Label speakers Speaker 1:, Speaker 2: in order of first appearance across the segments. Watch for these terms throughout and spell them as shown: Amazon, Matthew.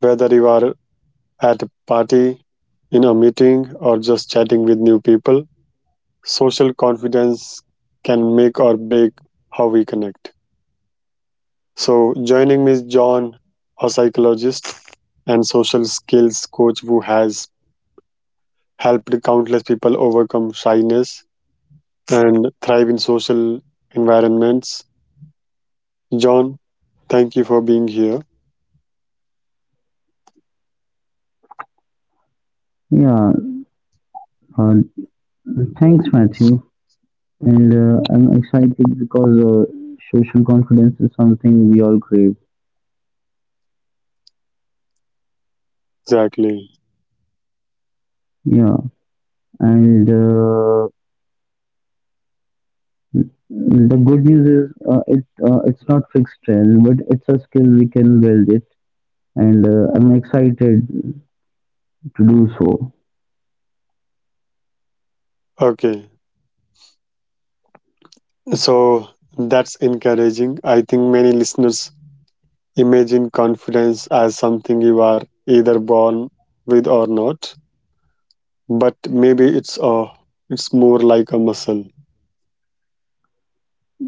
Speaker 1: Whether you are at a party, in a meeting, or just chatting with new people, social confidence can make or break how we connect. So, joining me is John, a psychologist and social skills coach who has helped countless people overcome shyness and thrive in social environments. John, thank you for being here.
Speaker 2: yeah. Uh, Thanks, Matthew. And I'm excited because social confidence is something we all crave.
Speaker 1: Exactly.
Speaker 2: Yeah, and the good news is it's not fixed trend, but it's a skill we can build it, and I'm excited to do so.
Speaker 1: Okay. So that's encouraging. I think many listeners imagine confidence as something you are either born with or not, but maybe it's a it's more like a muscle.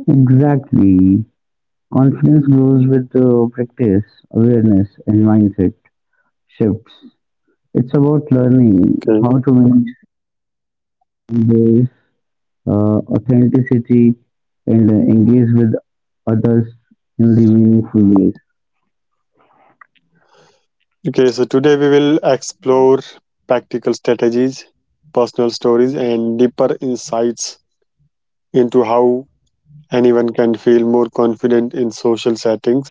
Speaker 2: Exactly, confidence grows with practice, awareness, and mindset shifts. It's about learning
Speaker 1: Okay.
Speaker 2: how to manage their authenticity and engage with others in the meaningful ways.
Speaker 1: Okay, so today we will explore practical strategies, personal stories and deeper insights into how anyone can feel more confident in social settings.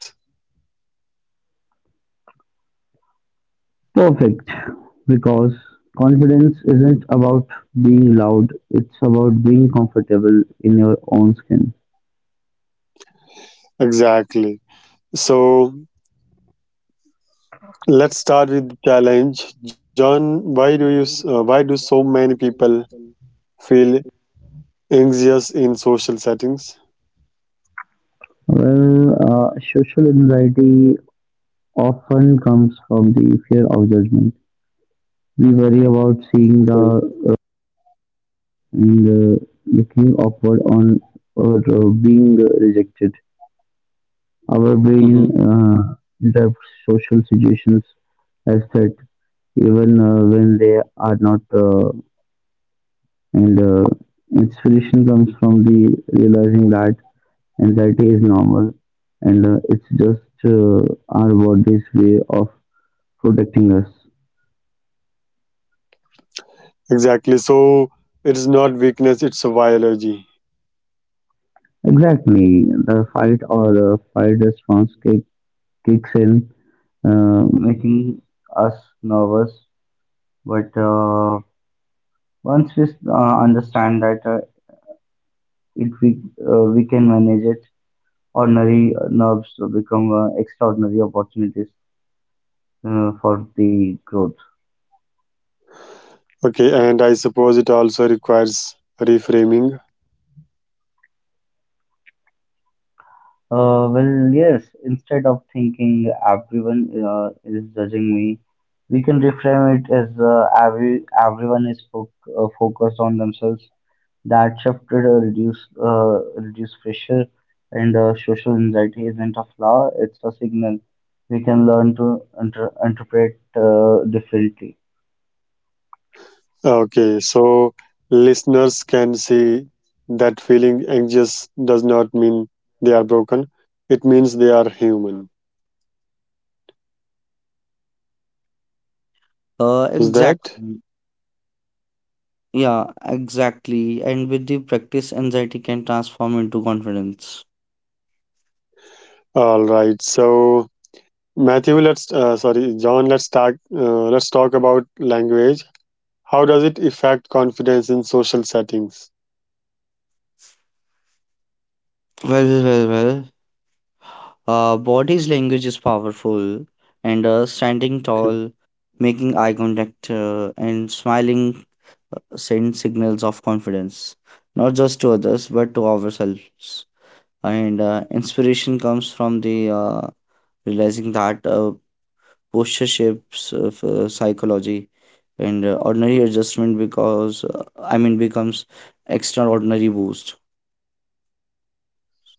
Speaker 2: Perfect, because confidence isn't about being loud, it's about being comfortable in your own skin.
Speaker 1: Exactly. So let's start with challenge. John, why do so many people feel anxious in social settings?
Speaker 2: Well, social anxiety often comes from the fear of judgment. We worry about seeing the uh, and looking upward on or being rejected. Our brain
Speaker 1: Mm-hmm.
Speaker 2: interprets social situations as threat, even when they are not. And inspiration comes from the realizing that anxiety is normal, and it's just our body's way of protecting us.
Speaker 1: Exactly. So it's not weakness, it's a biology.
Speaker 2: Exactly, the fight or fight response kicks in, making us nervous. But once we understand that it we can manage it. Ordinary nerves become extraordinary opportunities for the growth.
Speaker 1: Okay, and I suppose it also requires reframing.
Speaker 2: Well, yes. Instead of thinking everyone is judging me, we can reframe it as everyone is focused on themselves. That shifted reduce pressure and social anxiety isn't a flaw; it's a signal. We can learn to interpret differently.
Speaker 1: Okay, so listeners can see that feeling anxious does not mean they are broken. It means they are human. Is that
Speaker 2: Exactly. Yeah, exactly. And with the practice, anxiety can transform into confidence.
Speaker 1: all right? So John, let's talk about language. How does it affect confidence in social settings?
Speaker 2: Well, well, well. Body's language is powerful, and standing
Speaker 1: Okay.
Speaker 2: tall, making eye contact, and smiling send signals of confidence, not just to others but to ourselves. And inspiration comes from the realizing that posture shapes of psychology and ordinary adjustment because becomes extraordinary boost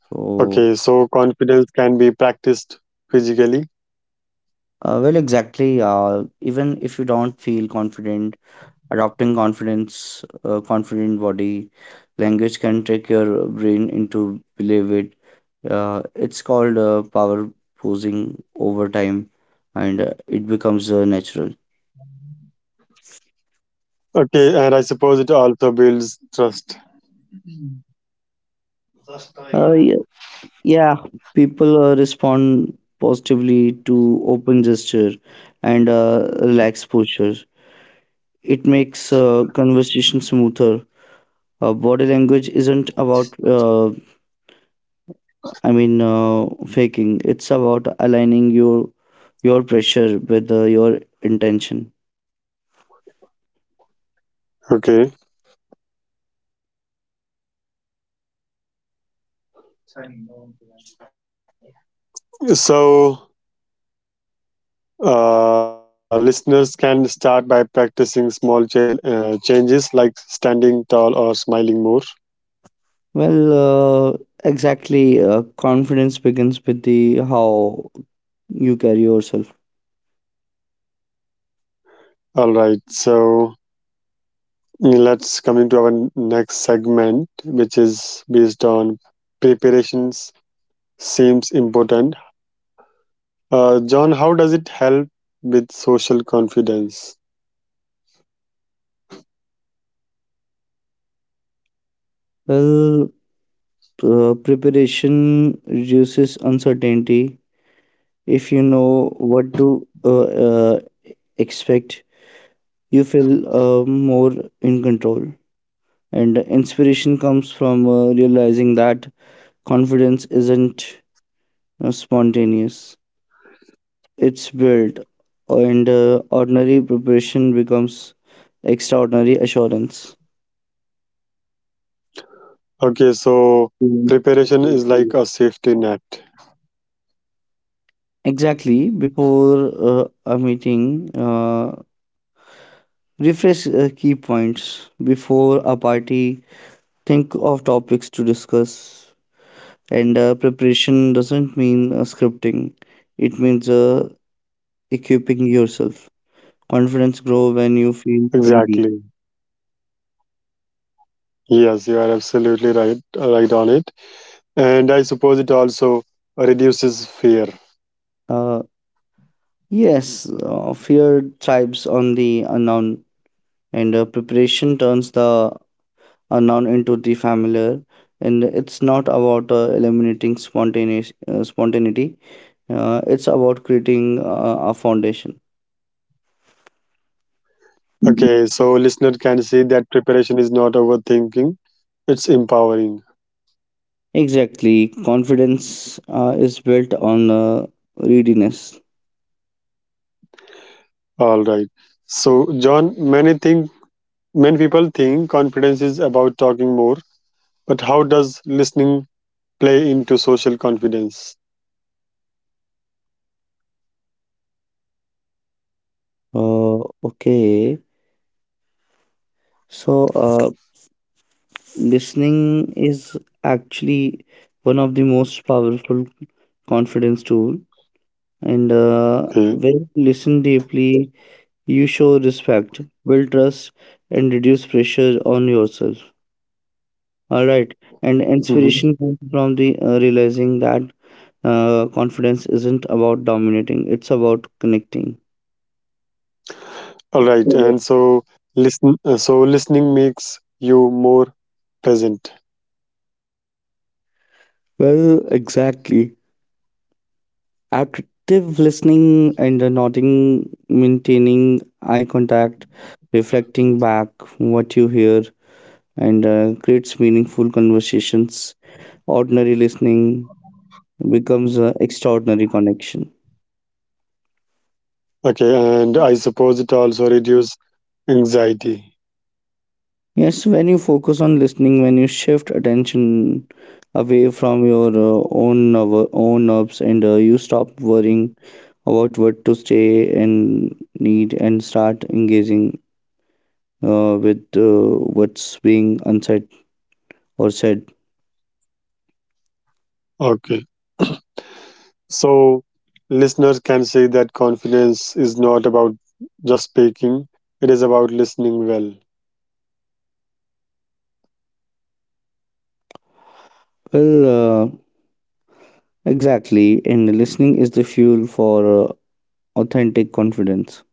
Speaker 2: so
Speaker 1: Okay, so confidence can be practiced physically.
Speaker 2: well exactly even if you don't feel confident adopting confidence confident body language can trick your brain into believe it it's called power posing over time and it becomes natural.
Speaker 1: Okay, and I suppose it also builds trust.
Speaker 2: Uh, Yeah, people respond positively to open gesture and relaxed posture. It makes conversation smoother. Body language isn't about, faking. It's about aligning your pressure with your intention.
Speaker 1: Okay, so listeners can start by practicing small changes like standing tall or smiling more.
Speaker 2: Well, uh, exactly. Confidence begins with the how you carry yourself.
Speaker 1: All right, so let's coming to our next segment, which is based on preparations seems important. John, how does it help with social confidence?
Speaker 2: Well, Preparation reduces uncertainty if you know what to expect you feel more in control and inspiration comes from realizing that confidence isn't spontaneous it's built and ordinary preparation becomes extraordinary assurance.
Speaker 1: Okay, so
Speaker 2: Mm.
Speaker 1: preparation is like a safety net.
Speaker 2: Exactly before a meeting refresh key points before a party think of topics to discuss. And preparation doesn't mean scripting, it means equipping yourself. Confidence grows when you feel ready.
Speaker 1: Exactly. Yes, you are absolutely right, right on it. And I suppose it also reduces fear.
Speaker 2: Uh, yes, fear thrives on the unknown, and preparation turns the unknown into the familiar. And it's not about eliminating spontaneity, it's about creating a foundation.
Speaker 1: Okay, so listener can see that preparation is not overthinking; it's empowering.
Speaker 2: Exactly. Confidence is built on readiness.
Speaker 1: All right. So, John, many people think confidence is about talking more, but how does listening play into social confidence?
Speaker 2: Okay. So, listening is actually one of the most powerful confidence tool. And when
Speaker 1: Okay.
Speaker 2: you listen deeply, you show respect, build trust, and reduce pressure on yourself. All right. And
Speaker 1: Mhm.
Speaker 2: inspiration comes from the realizing that confidence isn't about dominating; it's about connecting.
Speaker 1: All right, and so listen. So listening makes you more present.
Speaker 2: Well, exactly. Active listening and the nodding, maintaining eye contact, reflecting back what you hear, and creates meaningful conversations. Ordinary listening becomes an extraordinary connection.
Speaker 1: Okay, and I suppose it also reduces anxiety.
Speaker 2: Yes, when you focus on listening, when you shift attention away from your own nerves, and you stop worrying about what to say and need, and start engaging with what's being unsaid or said.
Speaker 1: Okay, so listeners can say that confidence is not about just speaking; it is about listening well.
Speaker 2: Well, uh, exactly. And listening is the fuel for authentic confidence.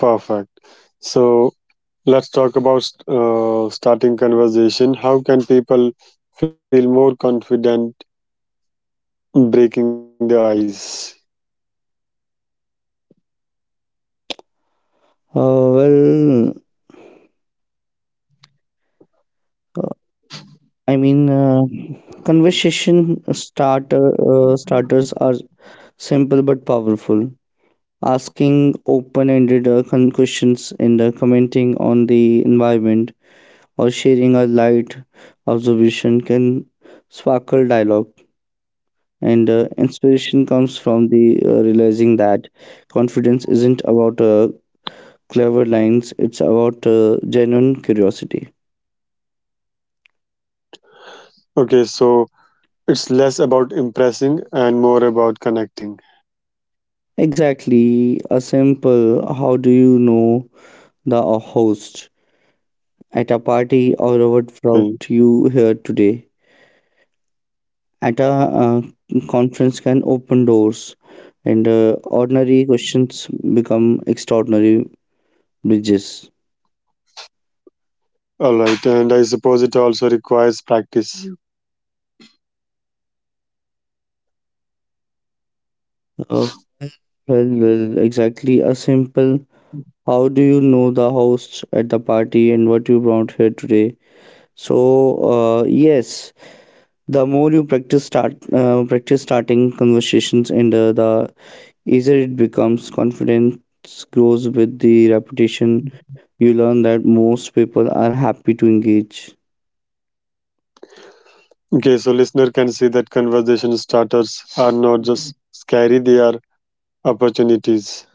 Speaker 1: Perfect. So let's talk about starting conversation. How can people feel more confident breaking the ice?
Speaker 2: Uh, well, uh, I mean, uh, Conversation starters are simple but powerful. Asking open-ended questions and commenting on the environment or sharing a light observation can sparkle dialogue. And inspiration comes from the realizing that confidence isn't about clever lines, it's about genuine curiosity.
Speaker 1: Okay, so it's less about impressing and more about connecting.
Speaker 2: Exactly, a simple how do you know the host at a party or what
Speaker 1: Okay,
Speaker 2: brought you here today at a conference can open doors, and ordinary questions become extraordinary bridges.
Speaker 1: all right, and I suppose it also requires practice.
Speaker 2: Uh, well, exactly. A simple how do you know the hosts at the party and what you brought here today? So yes, the more you practice starting conversations and the easier it becomes. Confidence grows with the repetition. You learn that most people are happy to engage.
Speaker 1: Okay, so listener can see that conversation starters are not just scary; they are opportunities.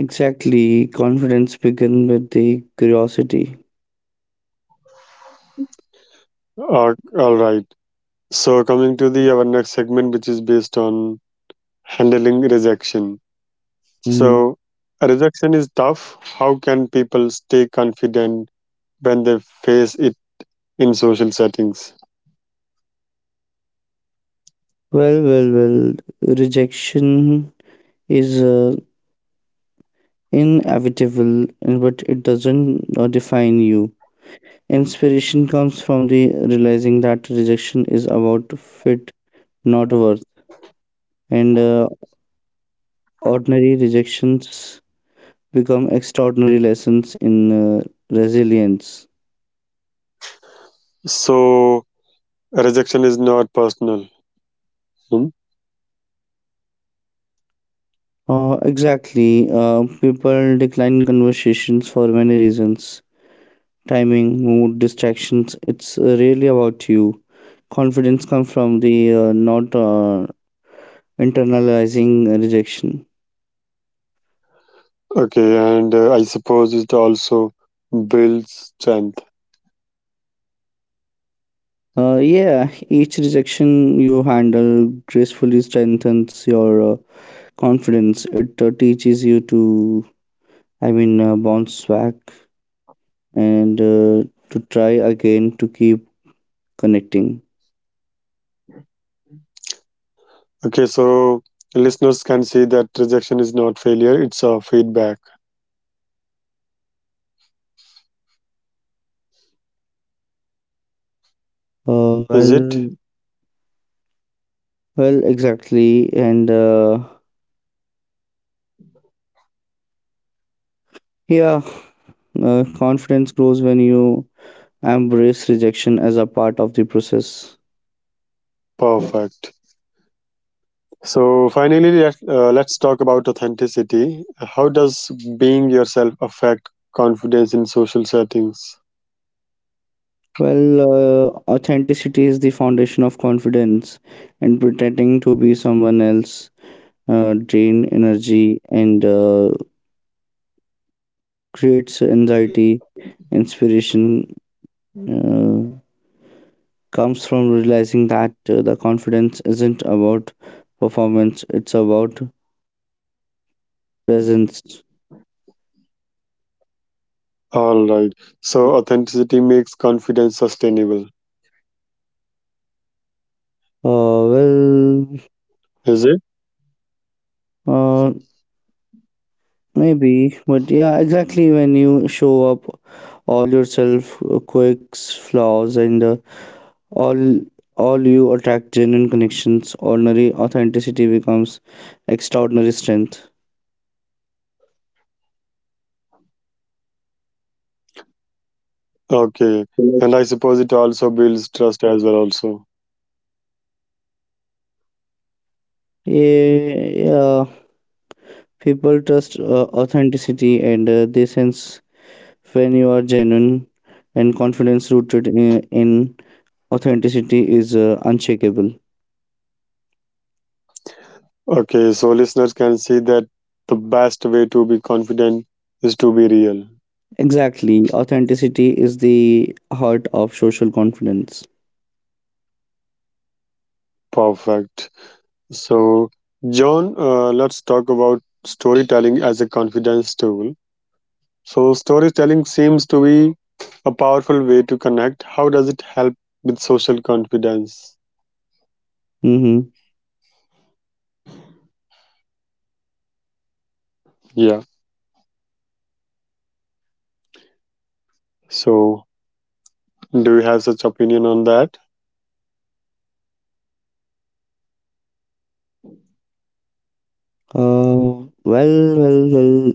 Speaker 2: Exactly, confidence begins with the curiosity.
Speaker 1: All right. So coming to the our next segment, which is based on handling rejection.
Speaker 2: Hmm.
Speaker 1: So, rejection is tough. How can people stay confident when they face it in social settings?
Speaker 2: Well, well, well. Rejection is inevitable, but it doesn't define you. Inspiration comes from the realizing that rejection is about fit, not worth, and ordinary rejections become extraordinary lessons in uh, resilience.
Speaker 1: So, rejection is not personal. Hmm?
Speaker 2: Exactly. People decline conversations for many reasons timing, mood, distractions. It's really about you. Confidence comes from the not internalizing rejection.
Speaker 1: Okay, and I suppose it also builds strength.
Speaker 2: Yeah, each rejection you handle gracefully strengthens your confidence. It teaches you to, bounce back and to try again to keep connecting.
Speaker 1: Okay, so listeners can see that rejection is not failure, it's a feedback.
Speaker 2: Uh,
Speaker 1: Is it?
Speaker 2: well, well, exactly. And yeah, confidence grows when you embrace rejection as a part of the process.
Speaker 1: Perfect. So, finally, let's talk about authenticity. How does being yourself affect confidence in social settings?
Speaker 2: Authenticity is the foundation of confidence, and pretending to be someone else drain energy and creates anxiety. Inspiration uh, comes from realizing that the confidence isn't about performance, it's about presence.
Speaker 1: All right. So authenticity makes confidence sustainable,
Speaker 2: Uh, well,
Speaker 1: is it?
Speaker 2: uh, Maybe, but yeah, exactly. When you show up, all yourself, quirks, flaws, and all all you attract genuine connections. Ordinary authenticity becomes extraordinary strength.
Speaker 1: Okay. And I suppose it also builds trust as well, also.
Speaker 2: Yeah, yeah. People trust authenticity and they sense when you are genuine, and confidence rooted in authenticity is unshakable.
Speaker 1: Okay. So listeners can see that the best way to be confident is to be real.
Speaker 2: Exactly. Authenticity is the heart of social confidence.
Speaker 1: Perfect. So, John, let's talk about storytelling as a confidence tool. So, storytelling seems to be a powerful way to connect. How does it help with social confidence?
Speaker 2: Mm-hmm.
Speaker 1: Yeah. So, do you have such opinion on that?
Speaker 2: Well, well, well.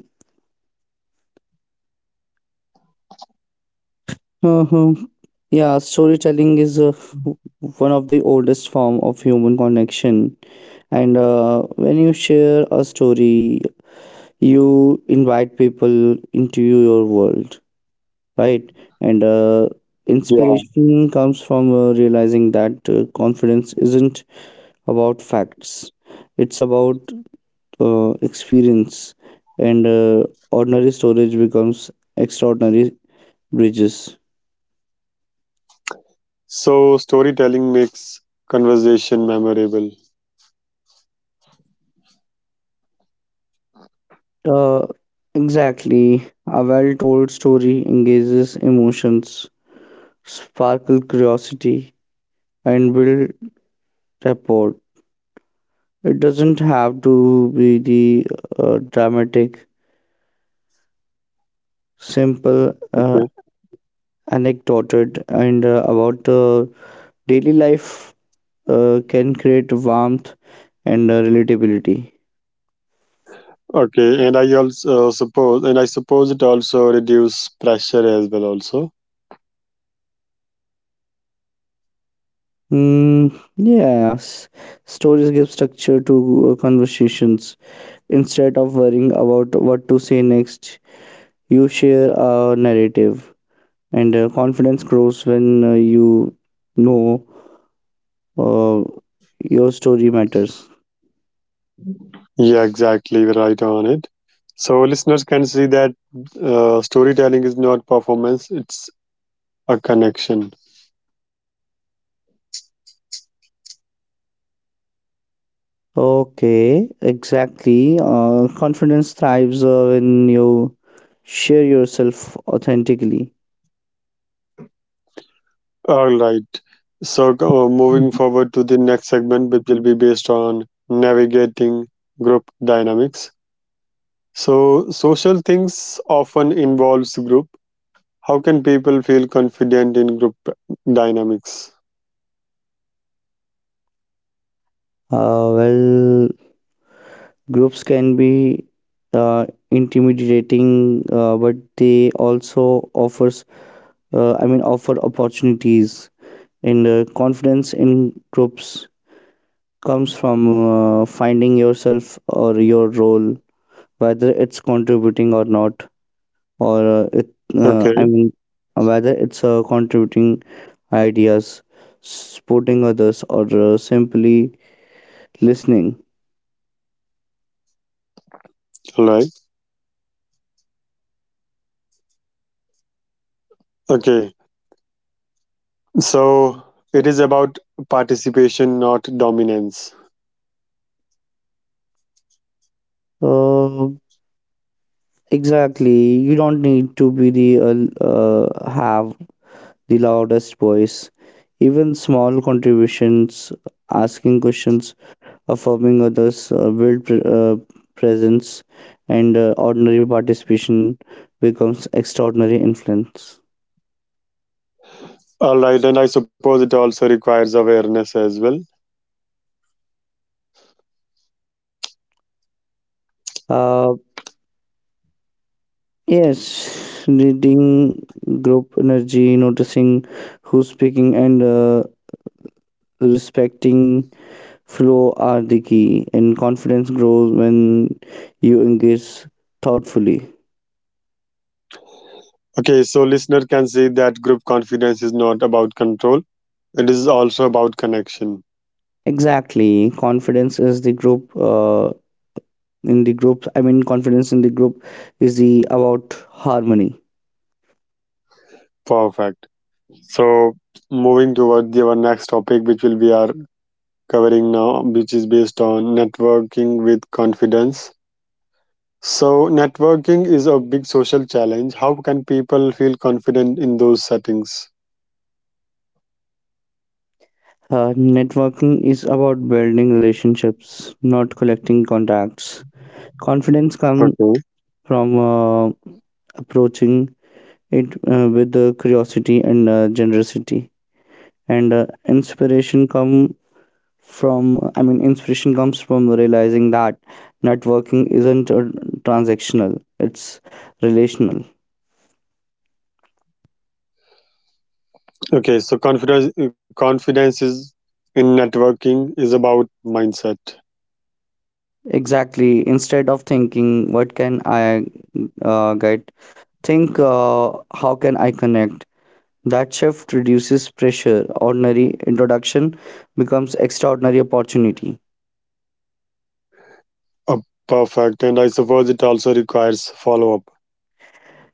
Speaker 2: Uh-huh. Yeah, storytelling is one of the oldest form of human connection. And when you share a story, you invite people into your world right, and
Speaker 1: Yeah.
Speaker 2: inspiration comes from realizing that confidence isn't about facts, it's about experience, and ordinary storage becomes extraordinary bridges.
Speaker 1: So storytelling makes conversation memorable.
Speaker 2: uh, exactly, a well-told story engages emotions, sparkle curiosity, and build rapport. It doesn't have to be the dramatic, simple,
Speaker 1: Okay.
Speaker 2: anecdoted, and about daily life can create warmth and relatability.
Speaker 1: Okay, and I suppose it also reduce pressure as well. Also.
Speaker 2: Mm, yes, stories give structure to conversations. Instead of worrying about what to say next, you share a narrative, and confidence grows when you know uh, your story matters.
Speaker 1: Yeah, exactly. We're right on it. So listeners can see that storytelling is not performance; it's a connection.
Speaker 2: Okay, exactly. Confidence thrives when you share yourself authentically.
Speaker 1: All right. So, moving
Speaker 2: Mm.
Speaker 1: forward to the next segment, which will be based on navigating group dynamics. So, social things often involves group. How can people feel confident in group dynamics?
Speaker 2: Uh, well, Groups can be intimidating, but they also offers I mean offer opportunities. And confidence in groups comes from finding yourself or your role, whether it's contributing or not. Or it I
Speaker 1: Okay.
Speaker 2: mean Whether it's contributing ideas, supporting others, or simply listening.
Speaker 1: All right. Okay. So, it is about participation, not dominance.
Speaker 2: uh, exactly, you don't need to be the have the loudest voice, even small contributions, asking questions, affirming others, build presence, and ordinary participation becomes extraordinary influence.
Speaker 1: All right. And I suppose it also requires awareness as well.
Speaker 2: Uh, Yes, reading group energy, noticing who's speaking, and respecting flow are the key. And confidence grows when you engage thoughtfully.
Speaker 1: Okay. So, listener can see that group confidence is not about control. It is also about connection.
Speaker 2: Exactly, confidence is the group. In the group, I mean, Confidence in the group is the about harmony.
Speaker 1: Perfect. So, moving toward the, our next topic, which will be our covering now, which is based on networking with confidence. So, networking is a big social challenge. How can people feel confident in those settings?
Speaker 2: Networking is about building relationships, not collecting contacts. Confidence comes
Speaker 1: Okay.
Speaker 2: from approaching it with the curiosity and generosity, and from inspiration comes from realizing that networking isn't transactional, it's relational.
Speaker 1: Okay. So, confidence is in networking is about mindset.
Speaker 2: Exactly, instead of thinking what can I get, think how can I connect. That shift reduces pressure, ordinary introduction becomes extraordinary opportunity.
Speaker 1: Uh, perfect. And I suppose it also requires follow up.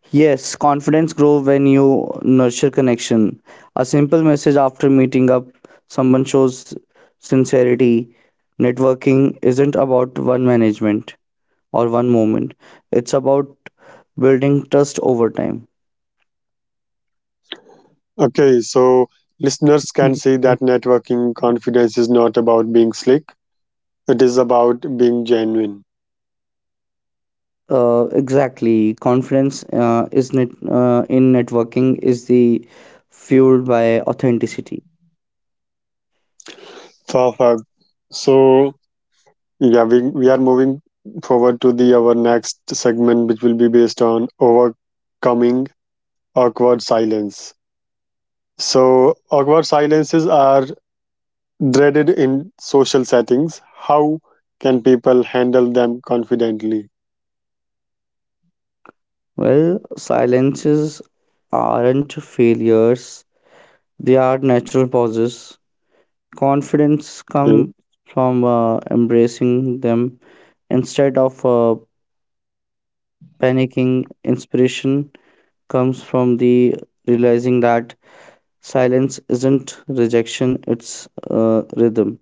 Speaker 2: Yes, confidence grows when you nurture connection. A simple message after meeting up, someone shows sincerity. Networking isn't about one management or one moment, it's about building trust over time.
Speaker 1: Okay, so listeners can see that networking confidence is not about being slick, it is about being genuine.
Speaker 2: Exactly. Confidence in networking is the fueled by authenticity.
Speaker 1: Perfect. So, yeah, we are moving forward to the our next segment, which will be based on overcoming awkward silence. So, awkward silences are dreaded in social settings. How can people handle them confidently?
Speaker 2: Well, silences aren't failures, they are natural pauses. Confidence
Speaker 1: Okay,
Speaker 2: comes from embracing them instead of panicking. Inspiration comes from the realizing that silence isn't rejection, it's rhythm,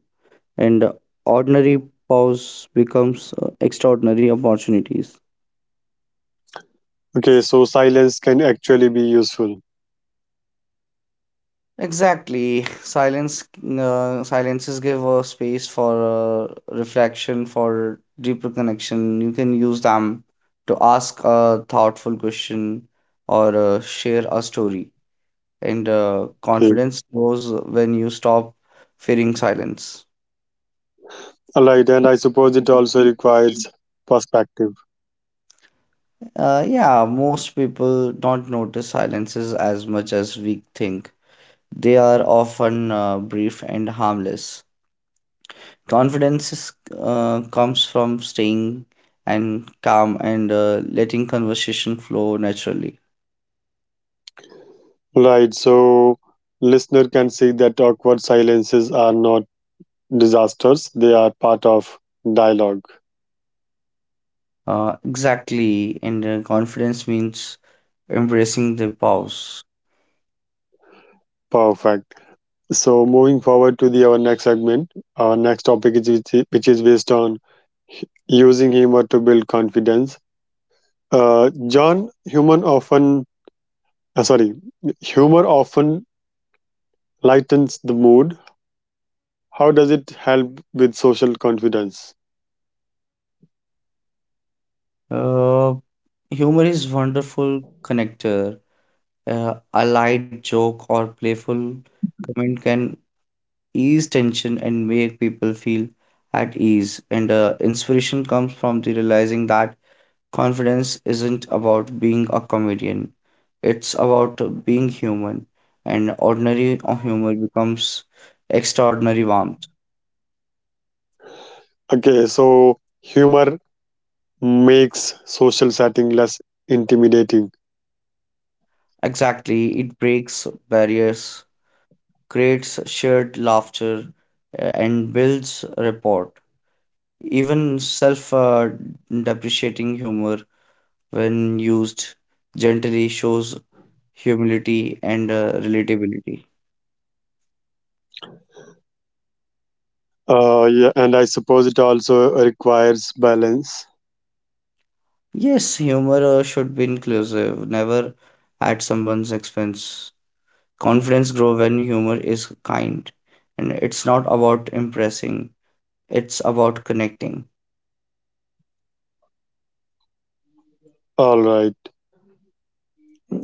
Speaker 2: and ordinary pause becomes extraordinary opportunities.
Speaker 1: okay, so silence can actually be useful.
Speaker 2: Exactly. Silence Silences give a space for reflection, for deeper connection. You can use them to ask a thoughtful question or share a story. And
Speaker 1: Okay.
Speaker 2: confidence grows when you stop fearing silence.
Speaker 1: Right, and I suppose it also requires perspective.
Speaker 2: Yeah, most people don't notice silences as much as we think. They are often brief and harmless. Confidence comes from staying and calm and letting conversation flow naturally.
Speaker 1: Right, so listener can see that awkward silences are not disasters; they are part of dialogue.
Speaker 2: Exactly, and confidence means embracing the pause.
Speaker 1: Perfect. So moving forward to the our next segment, our next topic is which is based on hu- using humor to build confidence. John, human often, sorry, humor often lightens the mood. How does it help with social confidence?
Speaker 2: Uh, Humor is wonderful connector. A light joke or playful comment can ease tension and make people feel at ease. And inspiration comes from the realizing that confidence isn't about being a comedian, it's about being human, and ordinary humor becomes extraordinary warmth.
Speaker 1: Okay, so humor makes social setting less intimidating.
Speaker 2: Exactly, it breaks barriers, creates shared laughter, and builds rapport. Even self depreciating humor, when used gently, shows humility and relatability.
Speaker 1: Yeah, and I suppose it also requires balance.
Speaker 2: Yes, humor should be inclusive, never at someone's expense. Confidence grow when humor is kind, and it's not about impressing, it's about connecting.
Speaker 1: All right.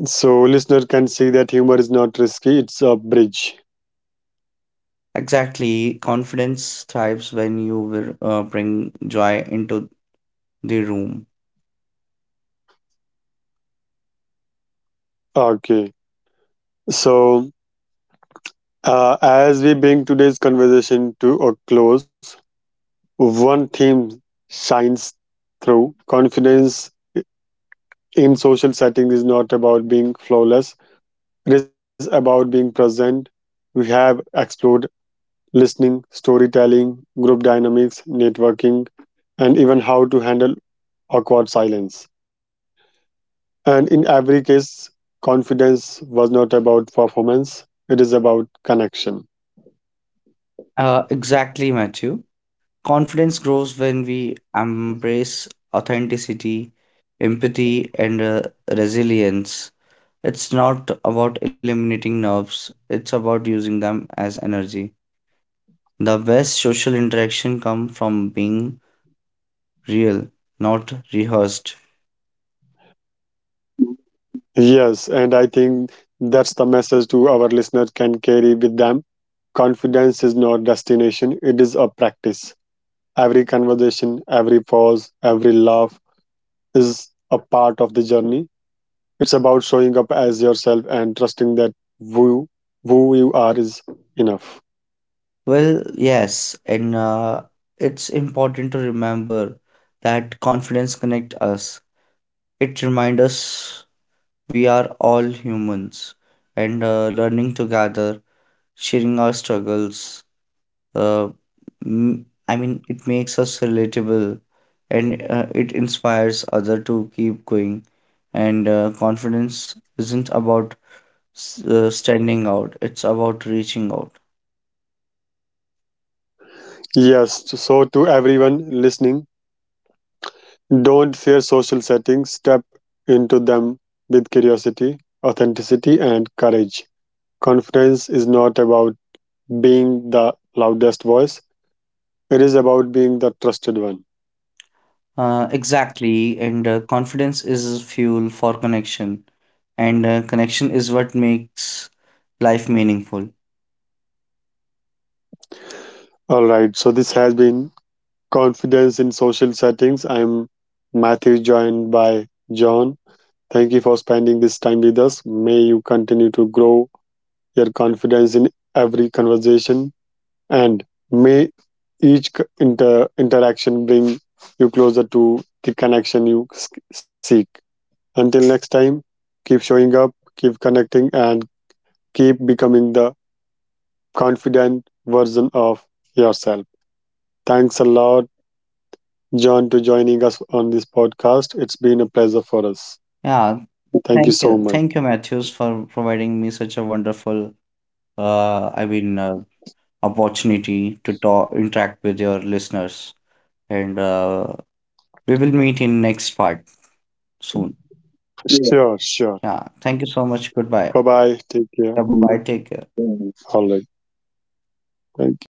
Speaker 1: So listener can see that humor is not risky; it's a bridge.
Speaker 2: Exactly, confidence thrives when you will bring joy into the room.
Speaker 1: Okay. So as we bring today's conversation to a close, one theme shines through: confidence in social settings is not about being flawless; it is about being present. We have explored listening, storytelling, group dynamics, networking, and even how to handle awkward silence. And in every case, confidence was not about performance, it is about connection.
Speaker 2: Exactly, Matthew. Confidence grows when we embrace authenticity, empathy, and resilience. It's not about eliminating nerves, it's about using them as energy. The best social interaction come from being real, not rehearsed.
Speaker 1: Yes, and I think that's the message to our listeners can carry with them. Confidence is not destination, it is a practice. Every conversation, every pause, every laugh is a part of the journey. It's about showing up as yourself and trusting that who, who you are is enough.
Speaker 2: Well, yes, and it's important to remember that confidence connects us. It reminds us we are all humans and learning together, sharing our struggles, uh, it makes us relatable and it inspires other to keep going. And confidence isn't about standing out, it's about reaching out.
Speaker 1: Yes, so to everyone listening, don't fear social settings. Step into them with curiosity, authenticity, and courage. Confidence is not about being the loudest voice, it is about being the trusted one.
Speaker 2: Exactly, and confidence is fuel for connection, and connection is what makes life meaningful.
Speaker 1: All right, so this has been Confidence in Social Settings. I'm Matthew, joined by John. Thank you for spending this time with us. May you continue to grow your confidence in every conversation and may each interaction bring you closer to the connection you seek. Until next time, keep showing up, keep connecting, and keep becoming the confident version of yourself. Thanks a lot, John, to joining us on this podcast. It's been a pleasure for us.
Speaker 2: Yeah,
Speaker 1: Thank you so much.
Speaker 2: thank you, Matthews, for providing me such a wonderful, uh, I mean, uh, opportunity to talk, interact with your listeners. And we will meet in next part soon. Yeah.
Speaker 1: Sure, sure.
Speaker 2: Yeah. Thank you so much. Goodbye.
Speaker 1: Bye bye. Take care.
Speaker 2: Yeah, bye. Take care.
Speaker 1: All right. Thank you.